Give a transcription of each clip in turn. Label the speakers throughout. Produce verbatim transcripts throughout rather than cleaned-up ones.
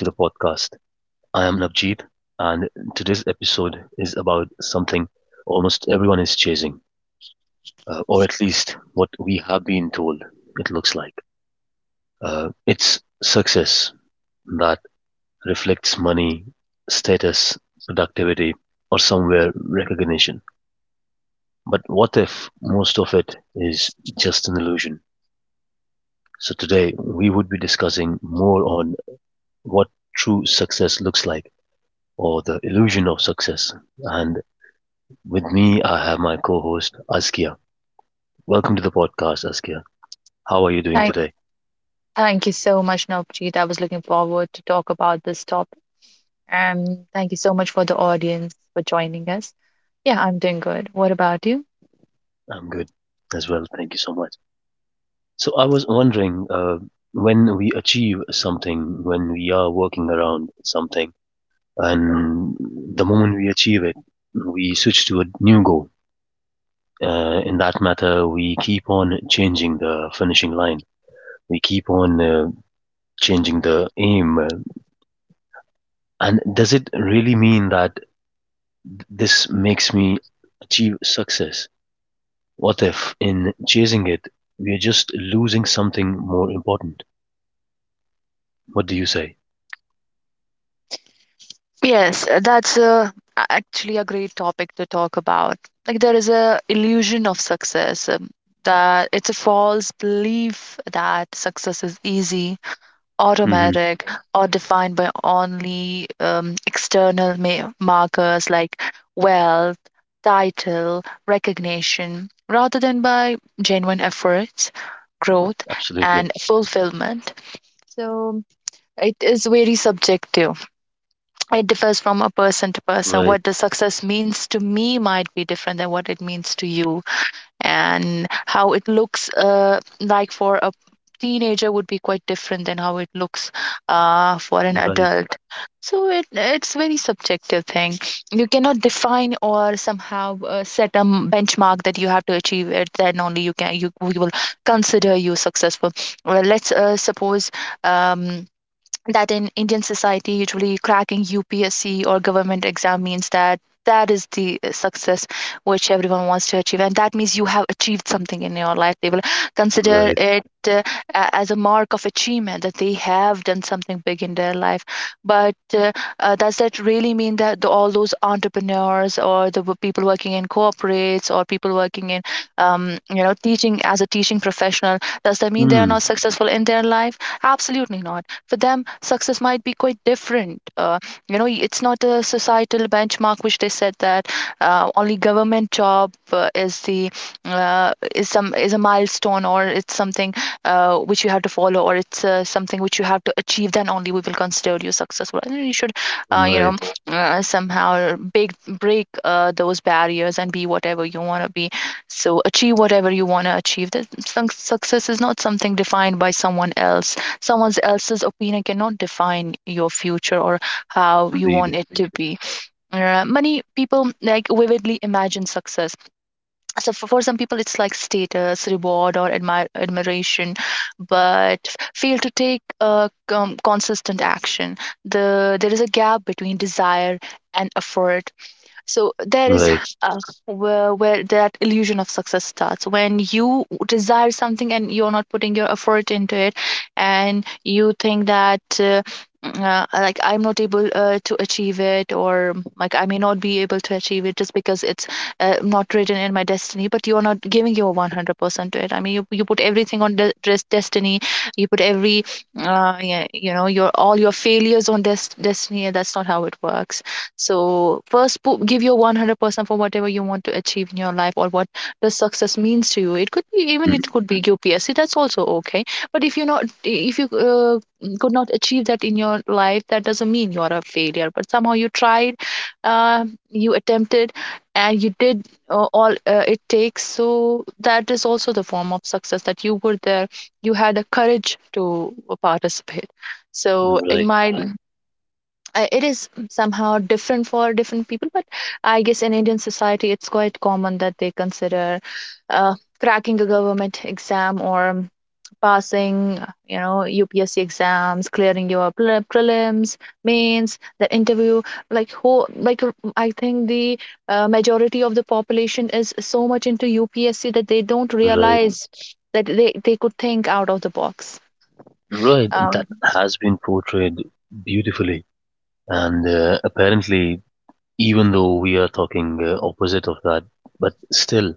Speaker 1: I am Navjeet, and today's episode is about something almost everyone is chasing, uh, or at least what we have been told it looks like. Uh, it's success that reflects money, status, productivity, or somewhere recognition. But what if most of it is just an illusion? So today we would be discussing more on what true success looks like or the illusion of success. And with me, I have my co host, Askia. Welcome to the podcast, Askia. How are you doing
Speaker 2: Thank,
Speaker 1: today?
Speaker 2: thank you so much, Navjeet. I was looking forward to talk about this topic. And thank you so much for the audience for joining us. Yeah, I'm doing good. What about you?
Speaker 1: I'm good as well. Thank you so much. So, I was wondering uh, when we achieve something, when we are working around something, and the moment we achieve it, we switch to a new goal. Uh, in that matter, we keep on changing the finishing line. We keep on uh, changing the aim. uh, And does it really mean that this makes me achieve success. What if, in chasing it, we are just losing something more important? What do you say?
Speaker 2: Yes, uh, that's uh, a- actually a great topic to talk about. Like there is a illusion of success, um, that it's a false belief that success is easy,
Speaker 1: Hmm.
Speaker 2: automatic, or defined by only um, external ma- markers like wealth, title, recognition, rather than by genuine efforts, growth,
Speaker 1: Absolutely.
Speaker 2: and fulfillment. So it is very subjective. It differs from a person to person.
Speaker 1: Right,
Speaker 2: What the success means to me might be different than what it means to you, and how it looks uh, like for a teenager would be quite different than how it looks uh, for an
Speaker 1: right,
Speaker 2: adult. So it it's very subjective thing. You cannot define or somehow uh, set a m- benchmark that you have to achieve it, then only you can you we will consider you successful. Well, let's uh, suppose um that in Indian society, usually cracking U P S C or government exam means that that is the uh, success which everyone wants to achieve, and that means you have achieved something in your life. They will consider
Speaker 1: right.
Speaker 2: it uh, as a mark of achievement, that they have done something big in their life. But uh, uh, does that really mean that the, all those entrepreneurs or the w- people working in corporates or people working in, um, you know, teaching as a teaching professional, does that mean they are
Speaker 1: Mm,
Speaker 2: not successful in their life? Absolutely not. For them success might be quite different. Uh, you know, it's not a societal benchmark which they said that uh, only government job uh, is the, uh, is some, is a milestone, or it's something uh, which you have to follow, or it's uh, something which you have to achieve, then only we will consider you successful, and you should, uh, you
Speaker 1: right,
Speaker 2: know, uh, somehow big, break uh, those barriers and be whatever you want to be. So achieve whatever you want to achieve. That success is not something defined by someone else. Someone else's opinion cannot define your future or how you
Speaker 1: indeed.
Speaker 2: want it to be. Uh, many people like vividly imagine success. So for, for some people it's like status, reward, or admire, admiration, but fail to take uh, com- consistent action. The there is a gap between desire and effort. So there is,
Speaker 1: Right,
Speaker 2: uh, where, where that illusion of success starts, when you desire something and you're not putting your effort into it, and you think that uh, uh, like I'm not able uh, to achieve it, or like I may not be able to achieve it just because it's uh, not written in my destiny. But you're not giving your one hundred percent to it. I mean, you, you put everything on de- des- destiny. You put every, uh, yeah, you know, your all your failures on des- destiny, and that's not how it works. So first, pu- give your one hundred percent for whatever you want to achieve in your life, or what does success means to you. It could be, even it
Speaker 1: mm,
Speaker 2: could be your P S C. That's also okay. But if you're not, if you uh, could not achieve that in your life, that doesn't mean you are a failure. But somehow you tried, uh, you attempted, and you did uh, all uh, it takes. So that is also the form of success, that you were there. You had the courage to uh, participate. So in
Speaker 1: right,
Speaker 2: my, uh, it is
Speaker 1: um,
Speaker 2: somehow different for different people. But I guess in Indian society it's quite common that they consider uh, cracking a government exam, or um, passing, you know, UPSC exams, clearing your pre- prelims, mains, the interview, like who, like uh, I think the uh, majority of the population is so much into UPSC that they don't
Speaker 1: right,
Speaker 2: realize that they, they could think out of the box.
Speaker 1: right.
Speaker 2: um,
Speaker 1: That has been portrayed beautifully. And uh, apparently, even though we are talking uh, opposite of that, but still,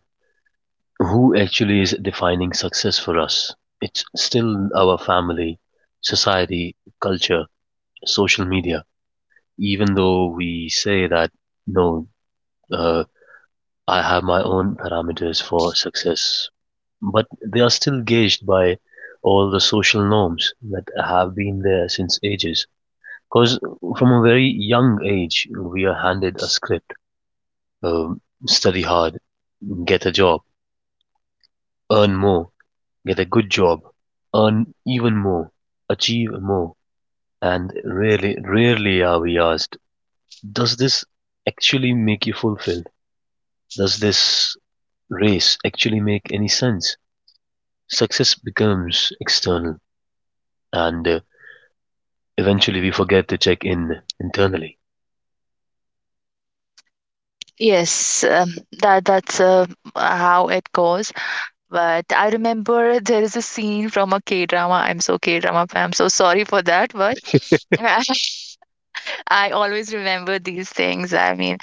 Speaker 1: who actually is defining success for us. It's still our family, society, culture, social media. Even though we say that, no, uh, I have my own parameters for success, but they are still gauged by all the social norms that have been there since ages. Because from a very young age, we are handed a script, um, study hard, get a job, earn more, get a good job, earn even more, achieve more, and rarely rarely are we asked, does this actually make you fulfilled? Does this race actually make any sense? Success becomes external, and uh, eventually we forget to check in internally.
Speaker 2: Yes, um, that that's uh, how it goes. But I remember there is a scene from a K-drama. I'm so K-drama fan. I'm so sorry for that, but I always remember these things. I mean,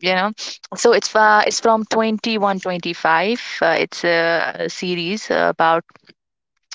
Speaker 2: you know, so it's uh, it's from twenty one twenty five. Uh, it's a, a series about,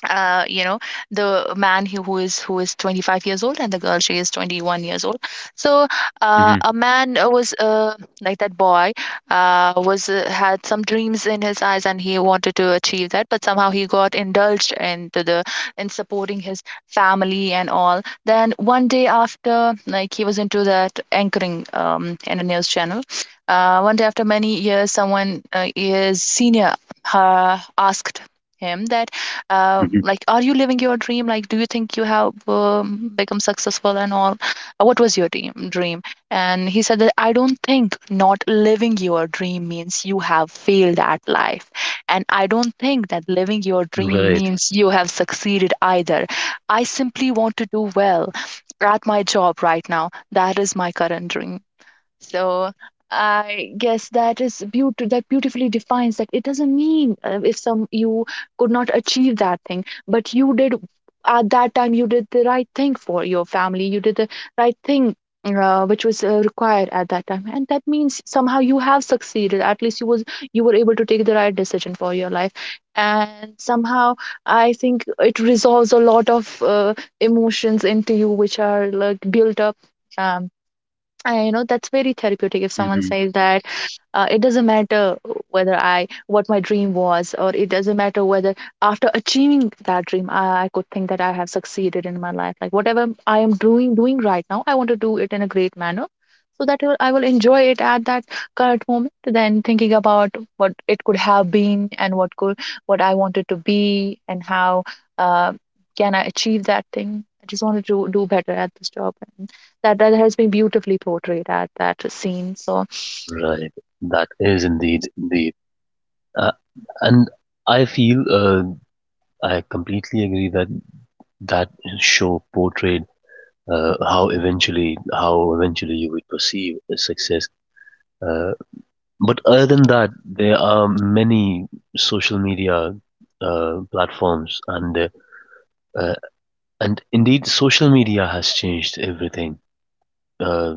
Speaker 2: uh, you know, the man who who is who is 25 years old, and the girl, she is 21 years old. So uh,
Speaker 1: Mm-hmm.
Speaker 2: a man uh, was uh, like that boy uh, was uh, had some dreams in his eyes, and he wanted to achieve that, but somehow he got indulged into the, in supporting his family and all. Then one day, after, like, he was into that anchoring, um, in a news channel, uh, one day after many years, someone, uh, his senior, uh, asked him that, uh,
Speaker 1: Mm-hmm.
Speaker 2: like, are you living your dream? Like, do you think you have um, become successful and all? Uh, what was your dream dream? And he said that, I don't think not living your dream means you have failed at life, and I don't think that living your dream
Speaker 1: Right.
Speaker 2: means you have succeeded either. I simply want to do well at my job right now. That is my current dream. So I guess that is beauty, that beautifully defines that, it doesn't mean uh, if some, you could not achieve that thing, but you did, at that time you did the right thing for your family. You did the right thing. Uh, which was uh, required at that time, and that means somehow you have succeeded. At least you was, you were able to take the right decision for your life. And somehow I think it resolves a lot of uh, emotions into you which are like built up. um. I know that's very therapeutic if someone
Speaker 1: Mm-hmm.
Speaker 2: says that uh, it doesn't matter whether I, what my dream was, or it doesn't matter whether after achieving that dream, I, I could think that I have succeeded in my life. Like, whatever I am doing doing right now, I want to do it in a great manner, so that I will- I will enjoy it at that current moment, then thinking about what it could have been, and what could, what I wanted to be, and how uh, can I achieve that thing. I just wanted to do better at this job, and that that has been beautifully portrayed at that scene. So
Speaker 1: Right. That is indeed deep. Uh, and I feel, uh, I completely agree that that show portrayed uh, how eventually how eventually you would perceive success. Uh, but other than that, there are many social media uh, platforms, and uh, uh, and indeed, social media has changed everything. Uh,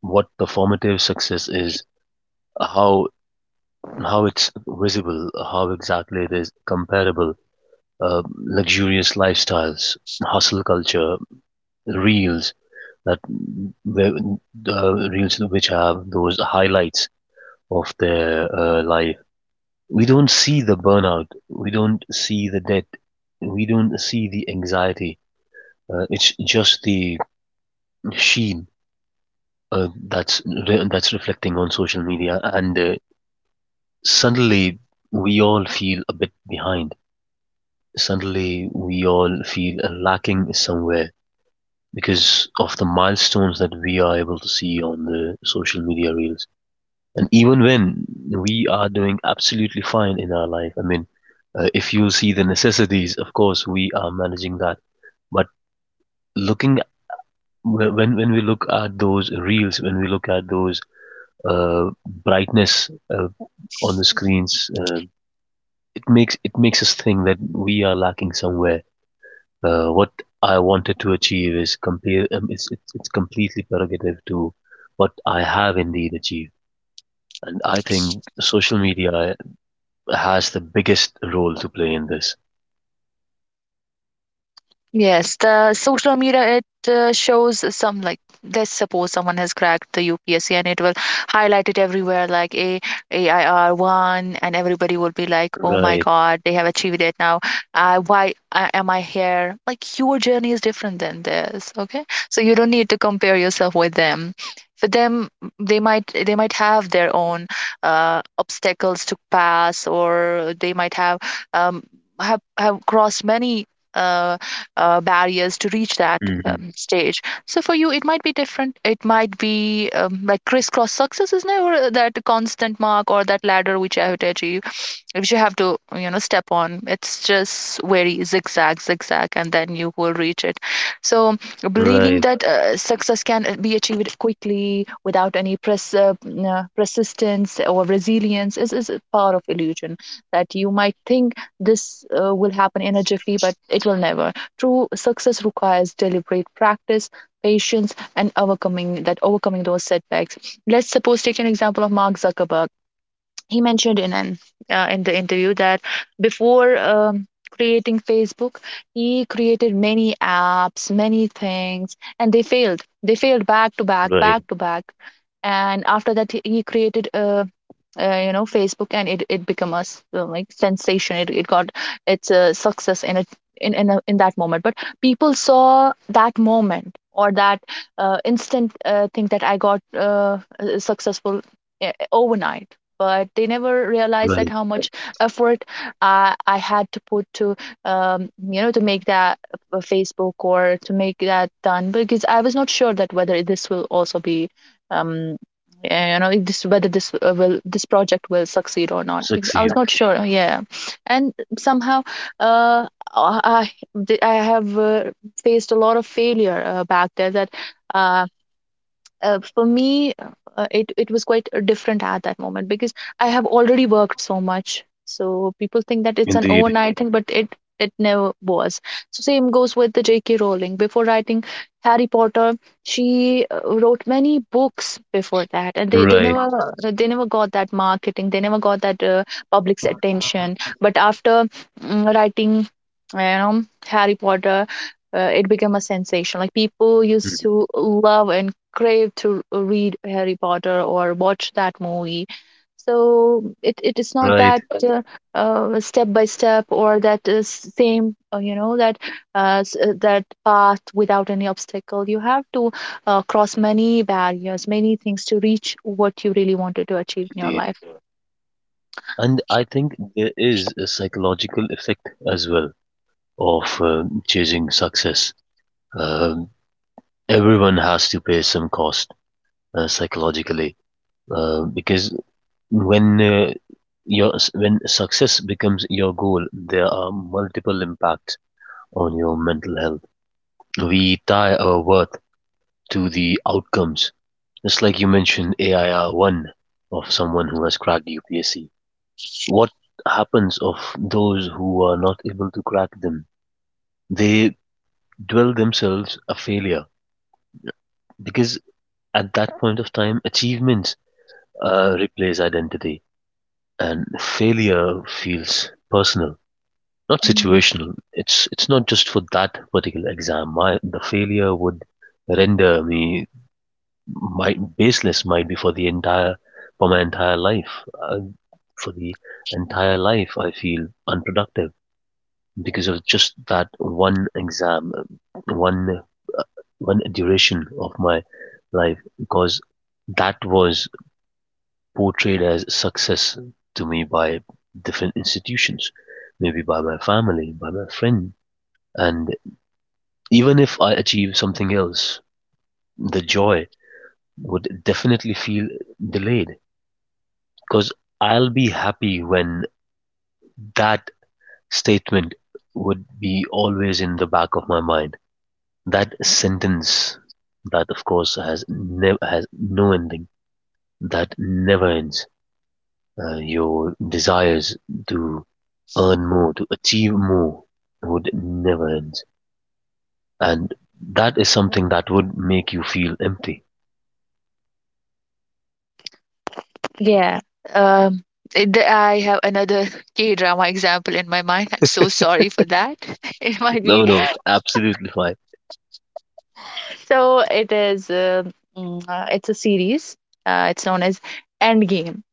Speaker 1: what performative success is, how how it's visible, how exactly it is comparable, uh, luxurious lifestyles, hustle culture, reels that the uh, reels which have those highlights of their uh, life. We don't see the burnout. We don't see the debt. We don't see the anxiety. Uh, it's just the sheen uh, that's re- that's reflecting on social media, and uh, suddenly we all feel a bit behind. Suddenly we all feel lacking somewhere because of the milestones that we are able to see on the social media reels. And even when we are doing absolutely fine in our life, I mean, uh, if you see the necessities, of course, we are managing that. But looking wh- when when we look at those reels, when we look at those uh, brightness uh, on the screens, uh, it makes it makes us think that we are lacking somewhere. Uh, what I wanted to achieve is compare, um, it's, it's it's completely prerogative to what I have indeed achieved. And I think social media has the biggest role to play in this.
Speaker 2: yes, the social media, it uh, shows some, like, let's suppose someone has cracked the U P S C, and it will highlight it everywhere like A AIR one, and everybody will be like, oh my
Speaker 1: Right.
Speaker 2: God, they have achieved it now. Uh, why uh, am I here? Like, your journey is different than theirs. Okay, so you don't need to compare yourself with them. For them, they might they might have their own uh, obstacles to pass, or they might have, um, have have crossed many. Uh, uh, Barriers to reach that
Speaker 1: Hmm.
Speaker 2: um, stage. So for you, it might be different. It might be, um, like, crisscross. Success is never that constant mark or that ladder which I have to achieve, which you have to, you know, step on. It's just very zigzag zigzag, and then you will reach it. So believing
Speaker 1: Right.
Speaker 2: that uh, success can uh, be achieved quickly without any pres- uh, uh, persistence or resilience is, is a part of illusion, that you might think this uh, will happen in a jiffy, but it will never. True success requires deliberate practice, patience, and overcoming that overcoming those setbacks. Let's suppose take an example of Mark Zuckerberg. He mentioned in an, uh, in the interview that before um, creating Facebook, he created many apps, many things, and they failed. They failed back to back,
Speaker 1: Right.
Speaker 2: back to back. And after that, he he created a uh, you know facebook and it it become a s- uh, like sensation. It, it got its a success in a in in, a, in that moment, but people saw that moment or that uh, instant uh, thing that I got uh, uh, successful uh, overnight, but they never realized that
Speaker 1: Right.
Speaker 2: how much effort I, I had to put to um, you know to make that uh, facebook or to make that done, because I was not sure that whether this will also be um, yeah, you know if this, whether this uh, will this project will succeed or not, because I
Speaker 1: Succeed.
Speaker 2: was not sure. Yeah. And somehow uh i i have uh, faced a lot of failure uh, back there. That uh, uh, for me, uh, it it was quite uh, different at that moment, because I have already worked so much. So people think that it's an
Speaker 1: Indeed.
Speaker 2: overnight thing, but it it never was. So same goes with the JK Rowling. Before writing Harry Potter, she uh, wrote many books before that, and they, they
Speaker 1: Right.
Speaker 2: never uh, they never got that marketing, they never got that uh, public's attention. But after mm, writing, you know, Harry Potter, uh, it became a sensation. Like people used
Speaker 1: Mhm.
Speaker 2: to love and crave to read Harry Potter or watch that movie. So it, it is not
Speaker 1: Right.
Speaker 2: that uh, uh, step by step or that uh, s- same uh, you know that uh, s- uh, that path without any obstacle. You have to uh, cross many barriers, many things to reach what you really wanted to achieve in your
Speaker 1: Indeed.
Speaker 2: life.
Speaker 1: And I think there is a psychological effect as well of uh, chasing success. Um, Everyone has to pay some cost uh, psychologically uh, because when uh, your when success becomes your goal, there are multiple impacts on your mental health. We tie our worth to the outcomes. Just like you mentioned A I R one of someone who has cracked U P S C. What happens of those who are not able to crack them? They dwell themselves a failure because at that point of time, achievements uh, replace identity and failure feels personal, not
Speaker 2: Mm.
Speaker 1: situational. It's it's not just for that particular exam. My the failure would render me might baseless might be for the entire for my entire life. Uh, for the entire life, I feel unproductive because of just that one exam, one one duration of my life. Because that was portrayed as success to me by different institutions, maybe by my family, by my friend. And even if I achieve something else, the joy would definitely feel delayed. 'Cause I'll be happy when that statement would be always in the back of my mind. That sentence that of course has never has no ending, that never ends. Uh, your desires to earn more, to achieve more would never end. And that is something that would make you feel empty.
Speaker 2: Yeah. Um, it- I have another K drama example in my mind. I'm so sorry for that. It might be.
Speaker 1: No, no, absolutely fine.
Speaker 2: So it is uh, mm, uh, it's a series. Uh, it's known as Endgame.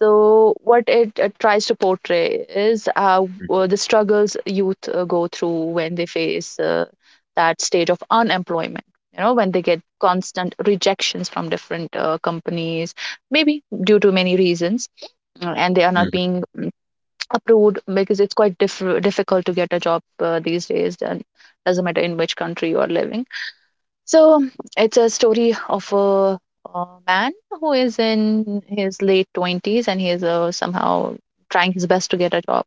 Speaker 2: So what it uh, tries to portray is uh,
Speaker 1: Mhm,
Speaker 2: w- the struggles youth uh, go through when they face uh, that stage of unemployment. You know, when they get constant rejections from different uh, companies, maybe due to many reasons, uh, and they are not
Speaker 1: mhm.
Speaker 2: being mm, approved, because it's quite diff- difficult to get a job uh, these days. And doesn't matter in which country you are living. So it's a story of a, a man who is in his late twenties, and he is uh, somehow trying his best to get a job.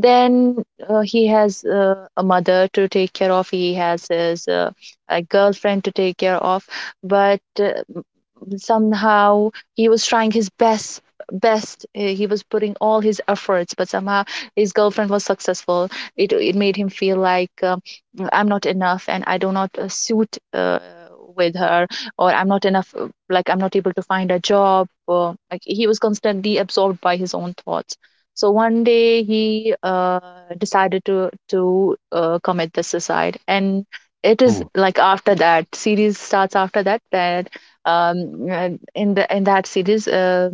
Speaker 2: Then uh, he has uh, a mother to take care of, he has his uh, a girlfriend to take care of, but uh, somehow he was trying his best best uh, He was putting all his efforts, but somehow his girlfriend was successful. It it made him feel like, um, I'm not enough, and I do not uh, suit uh, with her, or I'm not enough, uh, like I'm not able to find a job. Or, like, he was constantly absorbed by his own thoughts. So one day he uh, decided to to uh, commit the suicide. And it is
Speaker 1: Oh,
Speaker 2: like, after that, series starts after that. that um, uh, in the in that series, uh,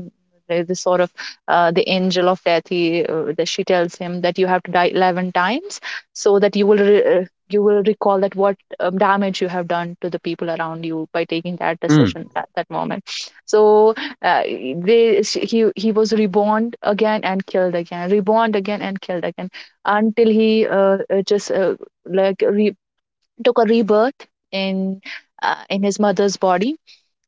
Speaker 2: there's this sort of uh, the angel of death, he uh, that she tells him that you have to die eleven times, so that you will re- uh, you will recall that what um, damage you have done to the people around you by taking that
Speaker 1: mm,
Speaker 2: decision at that moment. So uh, they sh- he he was reborn again and killed again, reborn again and killed again, until he uh, uh, just uh, like re- took a rebirth in uh, in his mother's body.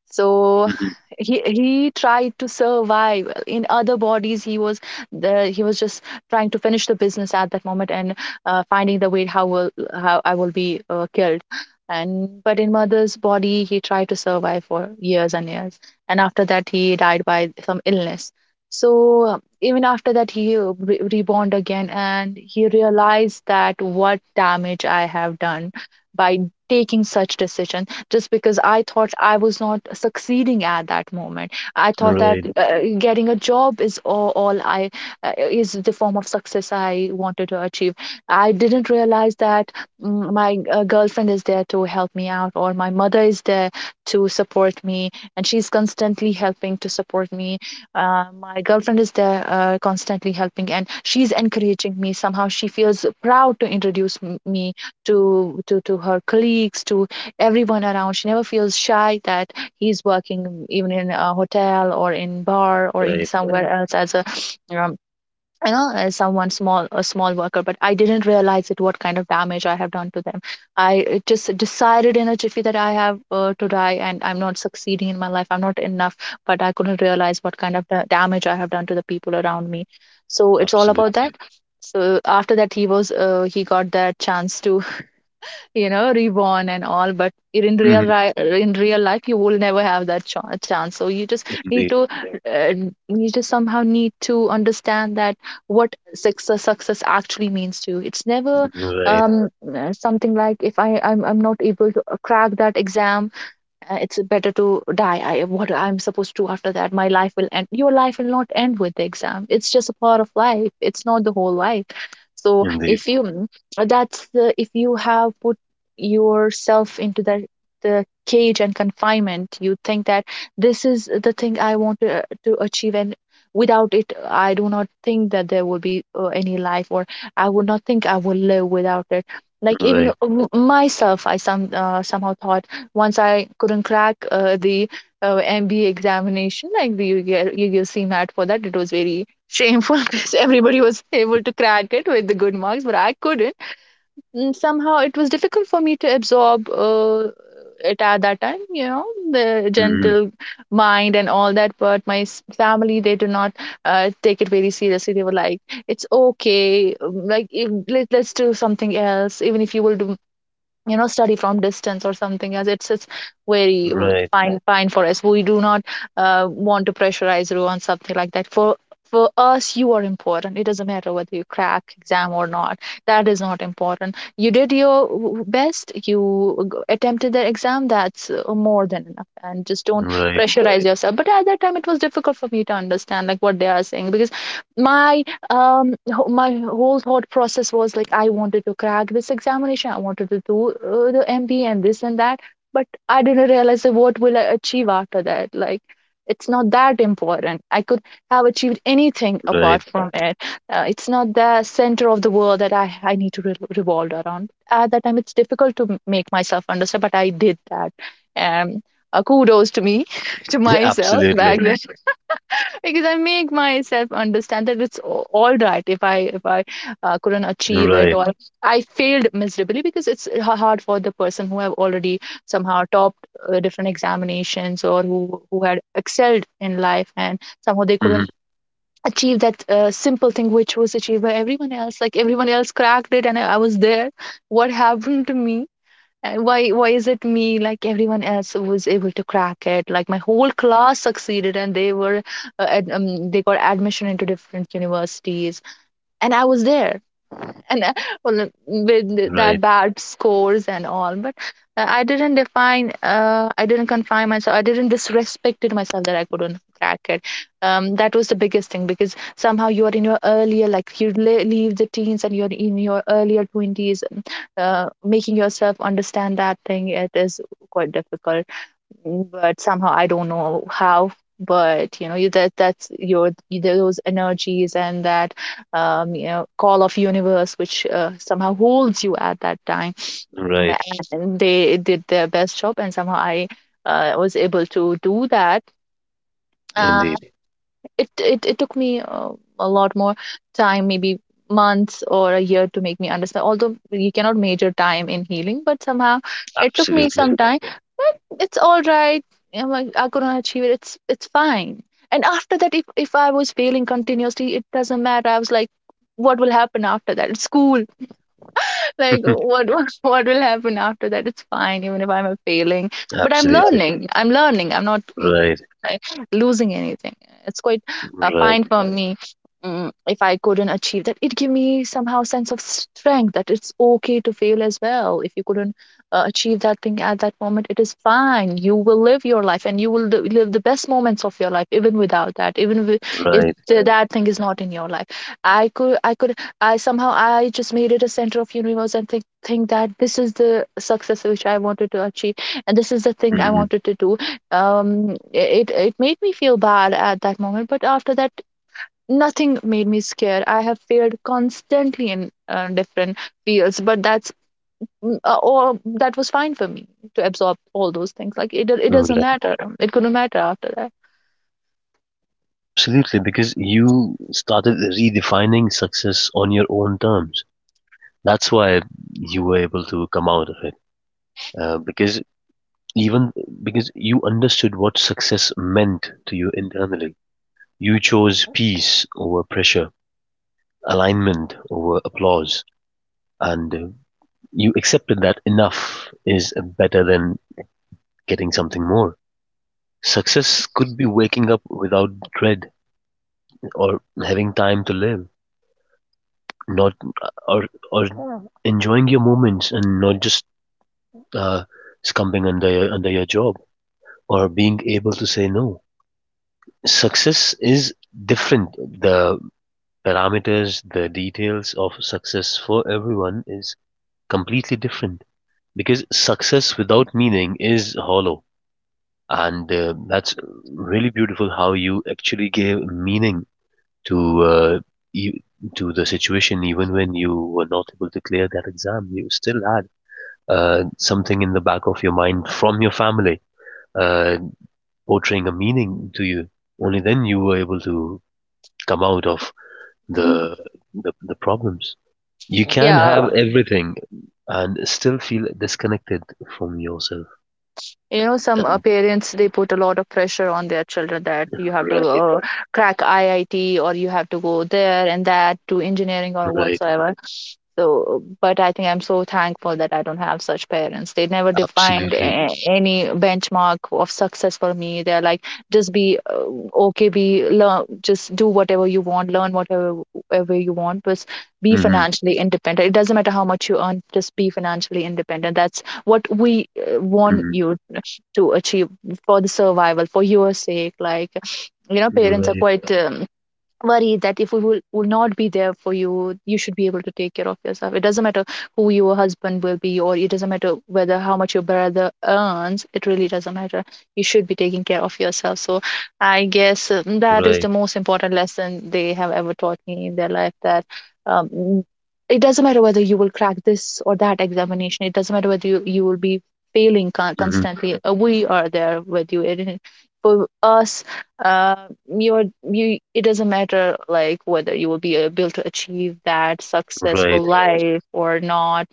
Speaker 2: So
Speaker 1: mhm.
Speaker 2: he he tried to survive in other bodies. He was the he was just trying to finish the business at that moment, and uh, finding the way how will how I will be uh, killed. And but in mother's body, he tried to survive for years and years. And after that, he died by some illness. So uh, even after that, he uh, re- reborn again, and he realized that what damage I have done by taking such decisions, just because I thought I was not succeeding at that moment. I thought that
Speaker 1: Right,
Speaker 2: uh, getting a job is all, all I uh, is the form of success I wanted to achieve. I didn't realize that mm, my uh, girlfriend is there to help me out, or my mother is there to support me, and she's constantly helping to support me. Uh, my girlfriend is there uh, constantly helping, and she's encouraging me. Somehow, she feels proud to introduce m- me to to to her colleagues, to everyone around. She never feels shy that he's working even in a hotel or in bar or in
Speaker 1: right.
Speaker 2: somewhere else as a um, you know, as someone small, a small worker. But I didn't realize it, what kind of damage I have done to them. I uh, just decided in a jiffy that I have uh, to die and I'm not succeeding in my life. I'm not enough, but I couldn't realize what kind of da- damage I have done to the people around me. So it's all about
Speaker 1: Absolutely.
Speaker 2: that. So after that, he was uh, he got that chance to, you know, reborn and all. But in real
Speaker 1: Mhm.
Speaker 2: ri- in real life, you will never have that ch- chance. So you just need
Speaker 1: Indeed.
Speaker 2: to, uh, you just somehow need to understand that what success success actually means to you. It's never
Speaker 1: Right,
Speaker 2: um uh, something like, if I I'm I'm not able to uh, crack that exam, uh, it's better to die. I what I'm supposed to after that, my life will end? Your life will not end with the exam. It's just a part of life, it's not the whole life. So
Speaker 1: indeed.
Speaker 2: if you mm, that's the if you have put yourself into the the cage and confinement, you think that this is the thing I want to, to achieve, and without it, I do not think that there will be uh, any life, or I would not think I will live without it. Like, even uh,
Speaker 1: Right.
Speaker 2: m- myself, I some uh, somehow thought, once I couldn't crack uh, the uh, M B A examination, like the U G L, M A T. For that, it was very shameful because everybody was able to crack it with the good marks, but I couldn't. And somehow it was difficult for me to absorb uh, it at that time, you know, the
Speaker 1: Hmm.
Speaker 2: gentle mind and all that. But my s- family, they do not uh, take it very seriously. They were like, it's okay, um, like if, let, let's do something else. Even if you will do, you know, study from distance or something, as it's it's very uh,
Speaker 1: Right.
Speaker 2: fine fine for us. We do not uh, want to pressurize you on something like that. for for us, you are important. It doesn't matter whether you crack exam or not. That is not important. You did your w- best. You g- attempted the exam. That's uh, more than enough. And just don't
Speaker 1: Right.
Speaker 2: pressurize right yourself. But at that time, it was difficult for me to understand like what they are saying, because my um wh- my whole thought process was like, I wanted to crack this examination, I wanted to do uh, the M B A and this and that. But I didn't realize that what will I achieve after that. Like, it's not that important, I could have achieved anything apart
Speaker 1: Right.
Speaker 2: from it. Uh, it's not the center of the world that i i need to re- revolve around. At that time, it's difficult to m- make myself understand, but I did that. And uh, kudos to me to myself back
Speaker 1: Absolutely.
Speaker 2: then, because I make myself understand that it's a- all right if i if i uh, couldn't achieve it,
Speaker 1: Right.
Speaker 2: or I failed miserably, because it's h- hard for the person who have already somehow topped uh, different examinations, or who who had excelled in life, and somehow they
Speaker 1: Hmm.
Speaker 2: couldn't achieve that uh, simple thing which was achieved by everyone else. Like everyone else cracked it, and i I was there. What happened to me, and why why is it me? Like, everyone else was able to crack it. Like, my whole class succeeded, and they were uh, ad, um, they got admission into different universities. And I was there and uh, well, with that
Speaker 1: Right.
Speaker 2: bad scores and all. But uh, I didn't define, uh, I didn't confine myself, I didn't disrespected myself that I couldn't crack it. Um, that was the biggest thing. Because somehow, you are in your earlier, like you le- leave the teens and you're in your earlier twenties, uh, making yourself understand that thing, it is quite difficult. Mm, but somehow I don't know how. But you know you- that that's your you- those energies and that um, you know, call of universe which uh, somehow holds you at that time. Uh,
Speaker 1: Right.
Speaker 2: And they did their best job, and somehow I uh, was able to do that. Uh,
Speaker 1: Indeed.
Speaker 2: it it, it took me uh, a lot more time, maybe months or a year, to make me understand, although you cannot measure time in healing, but somehow it took me some
Speaker 1: Absolutely.
Speaker 2: time. But it's all right. I'm like, I'm gonna achieve it. it's it's fine. And after that, if if I was failing continuously, it doesn't matter. I was like, what will happen after that? It's cool. Like, what what what will happen after that? It's fine even if I'm a failing, but I'm
Speaker 1: Absolutely.
Speaker 2: learning, I'm learning. I'm not
Speaker 1: Right.
Speaker 2: like losing anything. It's quite uh,
Speaker 1: Right.
Speaker 2: fine for me mm, if I couldn't achieve that. It gave me somehow sense of strength that it's okay to fail as well. If you couldn't uh, achieve that thing at that moment, it is fine. You will live your life, and you will li- live the best moments of your life even without that. Even wi- if
Speaker 1: Right.
Speaker 2: th- that thing is not in your life, I could, I could, I somehow I just made it a center of universe and think think that this is the success which I wanted to achieve, and this is the thing I
Speaker 1: Hmm.
Speaker 2: wanted to do. um it it made me feel bad at that moment, but after that nothing made me scared. I have feared constantly in uh, different fields, but that's mm, uh, or that was fine for me to absorb all those things. Like it do- it doesn't
Speaker 1: Right.
Speaker 2: matter, it couldn't matter after that.
Speaker 1: Absolutely. Because you started redefining success on your own terms. That's why you were able to come out of it. Uh, because even because you understood what success meant to you internally. You chose peace over pressure, alignment over applause, and uh, you accepted that enough is better than getting something more. Success could be waking up without dread or having time to live, not or or enjoying your moments and not just uh, succumbing under your, under your job or being able to say no. Success is different. The parameters, the details of success for everyone is completely different. Because success without meaning is hollow and uh, that's really beautiful how you actually gave meaning to, uh, you, to the situation. Even when you were not able to clear that exam, you still had uh, something in the back of your mind from your family, uh, portraying a meaning to you. Only then you were able to come out of
Speaker 2: Mhm.
Speaker 1: the the, the problems. You can
Speaker 2: Yeah,
Speaker 1: have everything and still feel disconnected from yourself.
Speaker 2: you know, some uh, parents, they put a lot of pressure on their children that you have to
Speaker 1: Right.
Speaker 2: uh, crack I I T, or you have to go there and that to engineering or
Speaker 1: Right,
Speaker 2: whatsoever. So but I think I'm so thankful that I don't have such parents. They never defined
Speaker 1: absolutely.
Speaker 2: a- any benchmark of success for me. They're like, just be uh, okay, be learn, just do whatever you want, learn whatever whatever you want, but be
Speaker 1: Hmm,
Speaker 2: financially independent. It doesn't matter how much you earn, just be financially independent. That's what we uh, want
Speaker 1: hmm.
Speaker 2: you to achieve, for the survival, for your sake. Like, you know, parents are
Speaker 1: Right,
Speaker 2: quite um, worry that if we will, will not be there for you, you should be able to take care of yourself. It doesn't matter who your husband will be, or it doesn't matter whether how much your brother earns. It really doesn't matter. You should be taking care of yourself. So I guess uh, that is the
Speaker 1: right,
Speaker 2: most important lesson they have ever taught me in their life, that. Um, it doesn't matter whether you will crack this or that examination. It doesn't matter whether you, you will be failing con-
Speaker 1: hmm,
Speaker 2: constantly. uh, We are there with you. It, for us, uh, you're you, it doesn't matter like whether you will be able to achieve that successful
Speaker 1: right,
Speaker 2: life or not.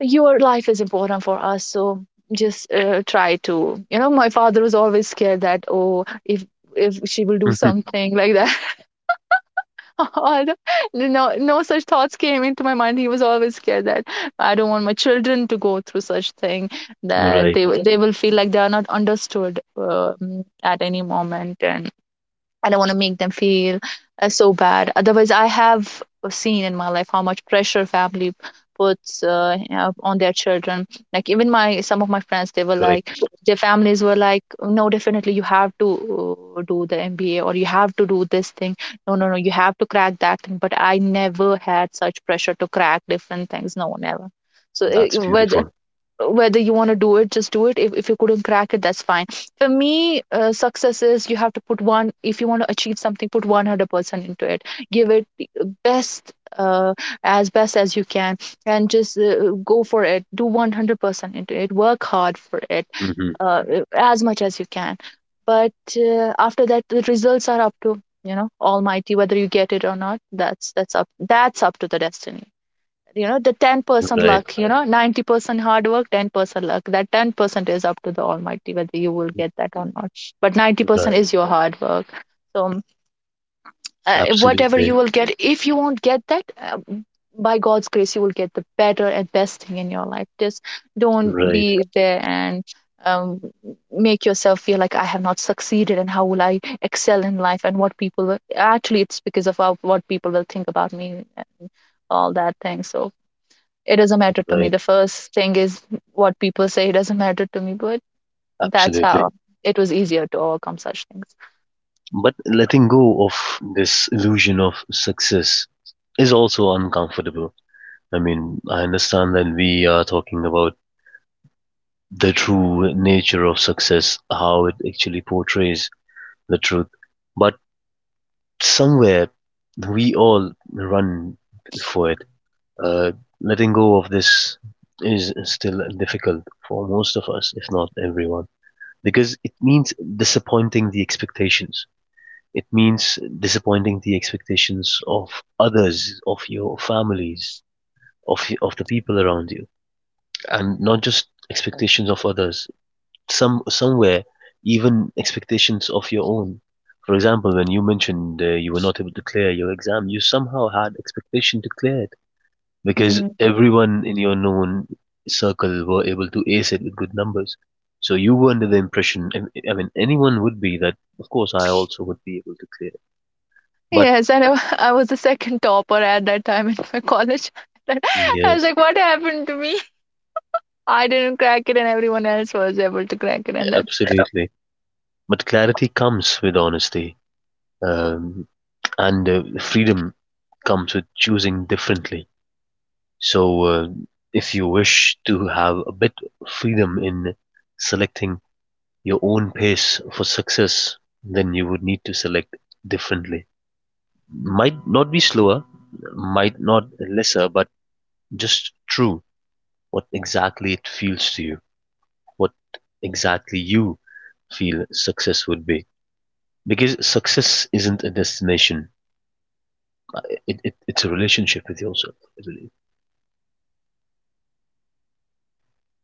Speaker 2: Your life is important for us. So just uh, try to, you know, my father was always scared that, oh, if if she will do
Speaker 1: hmm,
Speaker 2: something like that. Although, no no no such thoughts came into my mind. He was always scared that I don't want my children to go through such thing, that
Speaker 1: right.
Speaker 2: they will- they will feel like they are not understood um, at any moment, and I don't want to make them feel uh, so bad. Otherwise, I have seen in my life how much pressure family puts, uh, you know, on their children. Like, even my some of my friends, they were like,
Speaker 1: Correct.
Speaker 2: their families were like, no, definitely you have to uh, do the M B A, or you have to do this thing. No, no, no, you have to crack that thing. But I never had such pressure to crack different things. No, never. So, it,
Speaker 1: That's
Speaker 2: but
Speaker 1: beautiful.
Speaker 2: whether you want to do it, just do it. if, if you couldn't crack it, that's fine. For me, uh, success is, you have to put one, if you want to achieve something, put a hundred percent into it. Give it the uh, best uh, as best as you can, and just uh, go for it, do a hundred percent into it, work hard for it,
Speaker 1: Hmm.
Speaker 2: uh, as much as you can. But uh, after that, the results are up to, you know, almighty, whether you get it or not. That's that's up that's up to the destiny, you know. The ten percent
Speaker 1: Right,
Speaker 2: luck, you know, ninety percent hard work, ten percent luck, that ten percent is up to the almighty, whether you will get that or not. But ninety percent
Speaker 1: right.
Speaker 2: is your hard work. So um, uh, whatever you
Speaker 1: Absolutely.
Speaker 2: will get, if you won't get that, uh, by God's grace you will get the better and best thing in your life. Just don't
Speaker 1: Right,
Speaker 2: be there and um, make yourself feel like, I have not succeeded, and how will I excel in life, and what people will, actually it's because of how, what people will think about me, and all that thing. So it doesn't matter to me.
Speaker 1: right.
Speaker 2: The first thing is what people say, it doesn't matter to me, but that's
Speaker 1: Absolutely.
Speaker 2: how it was easier to overcome such things.
Speaker 1: But letting go of this illusion of success is also uncomfortable. I mean, I understand that we are talking about the true nature of success, how it actually portrays the truth. But somewhere we all run for it. Uh, Letting go of this is still difficult for most of us, if not everyone, because it means disappointing the expectations. It means disappointing the expectations of others, of your families, of, of the people around you, and not just expectations of others, some somewhere even expectations of your own. For example, when you mentioned, uh, you were not able to clear your exam, you somehow had expectation to clear it because
Speaker 2: Mm.
Speaker 1: everyone in your known circle were able to ace it with good numbers. So you were under the impression, I m- I mean, anyone would be that, of course, I also would be able to clear it. But
Speaker 2: Yes, and I, I was the second topper at that time in my college. I was
Speaker 1: yes,
Speaker 2: like, what happened to me? I didn't crack it, and everyone else was able to crack it, and that's,
Speaker 1: absolutely. But clarity comes with honesty, um, and uh, freedom comes with choosing differently. So uh, if you wish to have a bit of freedom in selecting your own pace for success, then you would need to select differently. Might not be slower, might not lesser, but just true what exactly it feels to you, what exactly you feel success would be. Because success isn't a destination, it, it, it's a relationship with yourself, I believe.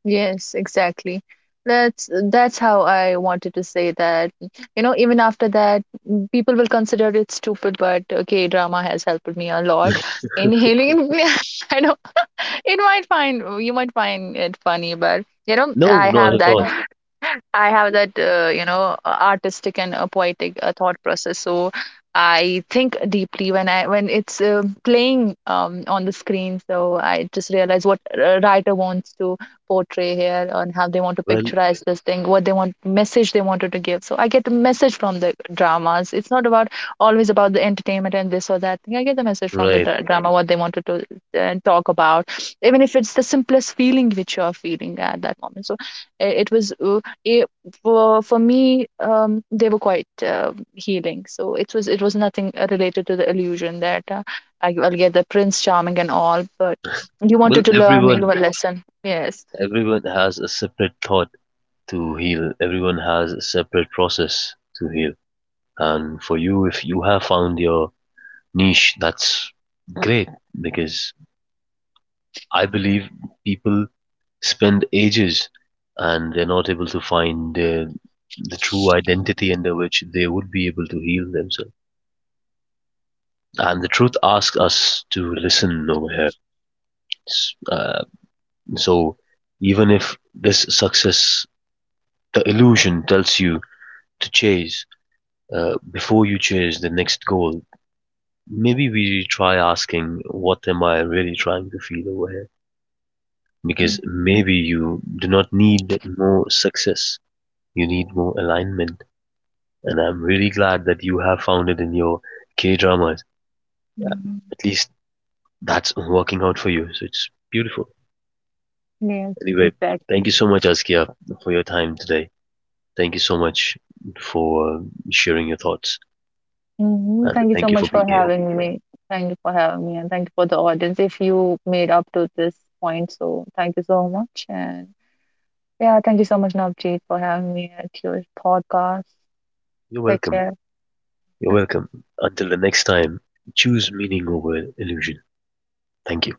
Speaker 2: yes, exactly. That's that's how I wanted to say that. You know, even after that, mm, people will consider it stupid, but okay, drama has helped me a lot. Inhaling, I don't It might find, you might find it funny, but you know,
Speaker 1: No,
Speaker 2: I
Speaker 1: not
Speaker 2: have
Speaker 1: at
Speaker 2: that.
Speaker 1: all.
Speaker 2: I have that, uh, you know, uh, artistic and uh, poetic uh, thought process. So I think deeply when I when it's uh, playing um, on the screen. So I just realize what a writer wants to portray here, and how they want to
Speaker 1: Well,
Speaker 2: picturize this thing, what they want message they wanted to give. So I get the message from the dramas. It's not about, always about the entertainment and this or that thing. I get the message from the
Speaker 1: right.
Speaker 2: dra- drama, what they wanted to uh, talk about, even if it's the simplest feeling which you are feeling at that moment. So uh, it was. Uh, eh, for for me, um, they were quite uh, healing. So it was, it was nothing uh, related to the illusion that uh, I, I'll get the prince charming and all. But you
Speaker 1: Well,
Speaker 2: wanted to learn your
Speaker 1: everyone
Speaker 2: lesson. Yes.
Speaker 1: everyone has a separate thought to heal. Everyone has a separate process to heal. And for you, if you have found your niche, that's great because I believe people spend ages and they're not able to find uh, the true identity under which they would be able to heal themselves. And the truth asks us to listen over here. S- Uh, so even if this success, the illusion tells you to chase, Uh, before you chase the next goal, maybe we try asking, what am I really trying to feel over here? Because maybe you do not need more success, you need more alignment. And I'm really glad that you have found it in your K dramas.
Speaker 2: Mhm.
Speaker 1: At least that's working out for you. So it's beautiful.
Speaker 2: Yes,
Speaker 1: Anyway,
Speaker 2: exactly.
Speaker 1: thank you so much, Askia, for your time today. Thank you so much for sharing your thoughts.
Speaker 2: Hmm,
Speaker 1: And
Speaker 2: thank you so
Speaker 1: thank you for
Speaker 2: much
Speaker 1: being
Speaker 2: for
Speaker 1: here.
Speaker 2: having me. Thank you for having me, and thank you for the audience. If you made up to this point, so thank you so much. And yeah, thank you so much, Navjeet, for having me at your podcast.
Speaker 1: You're
Speaker 2: Take
Speaker 1: welcome.
Speaker 2: care.
Speaker 1: You're welcome. Until the next time, choose meaning over illusion. Thank you.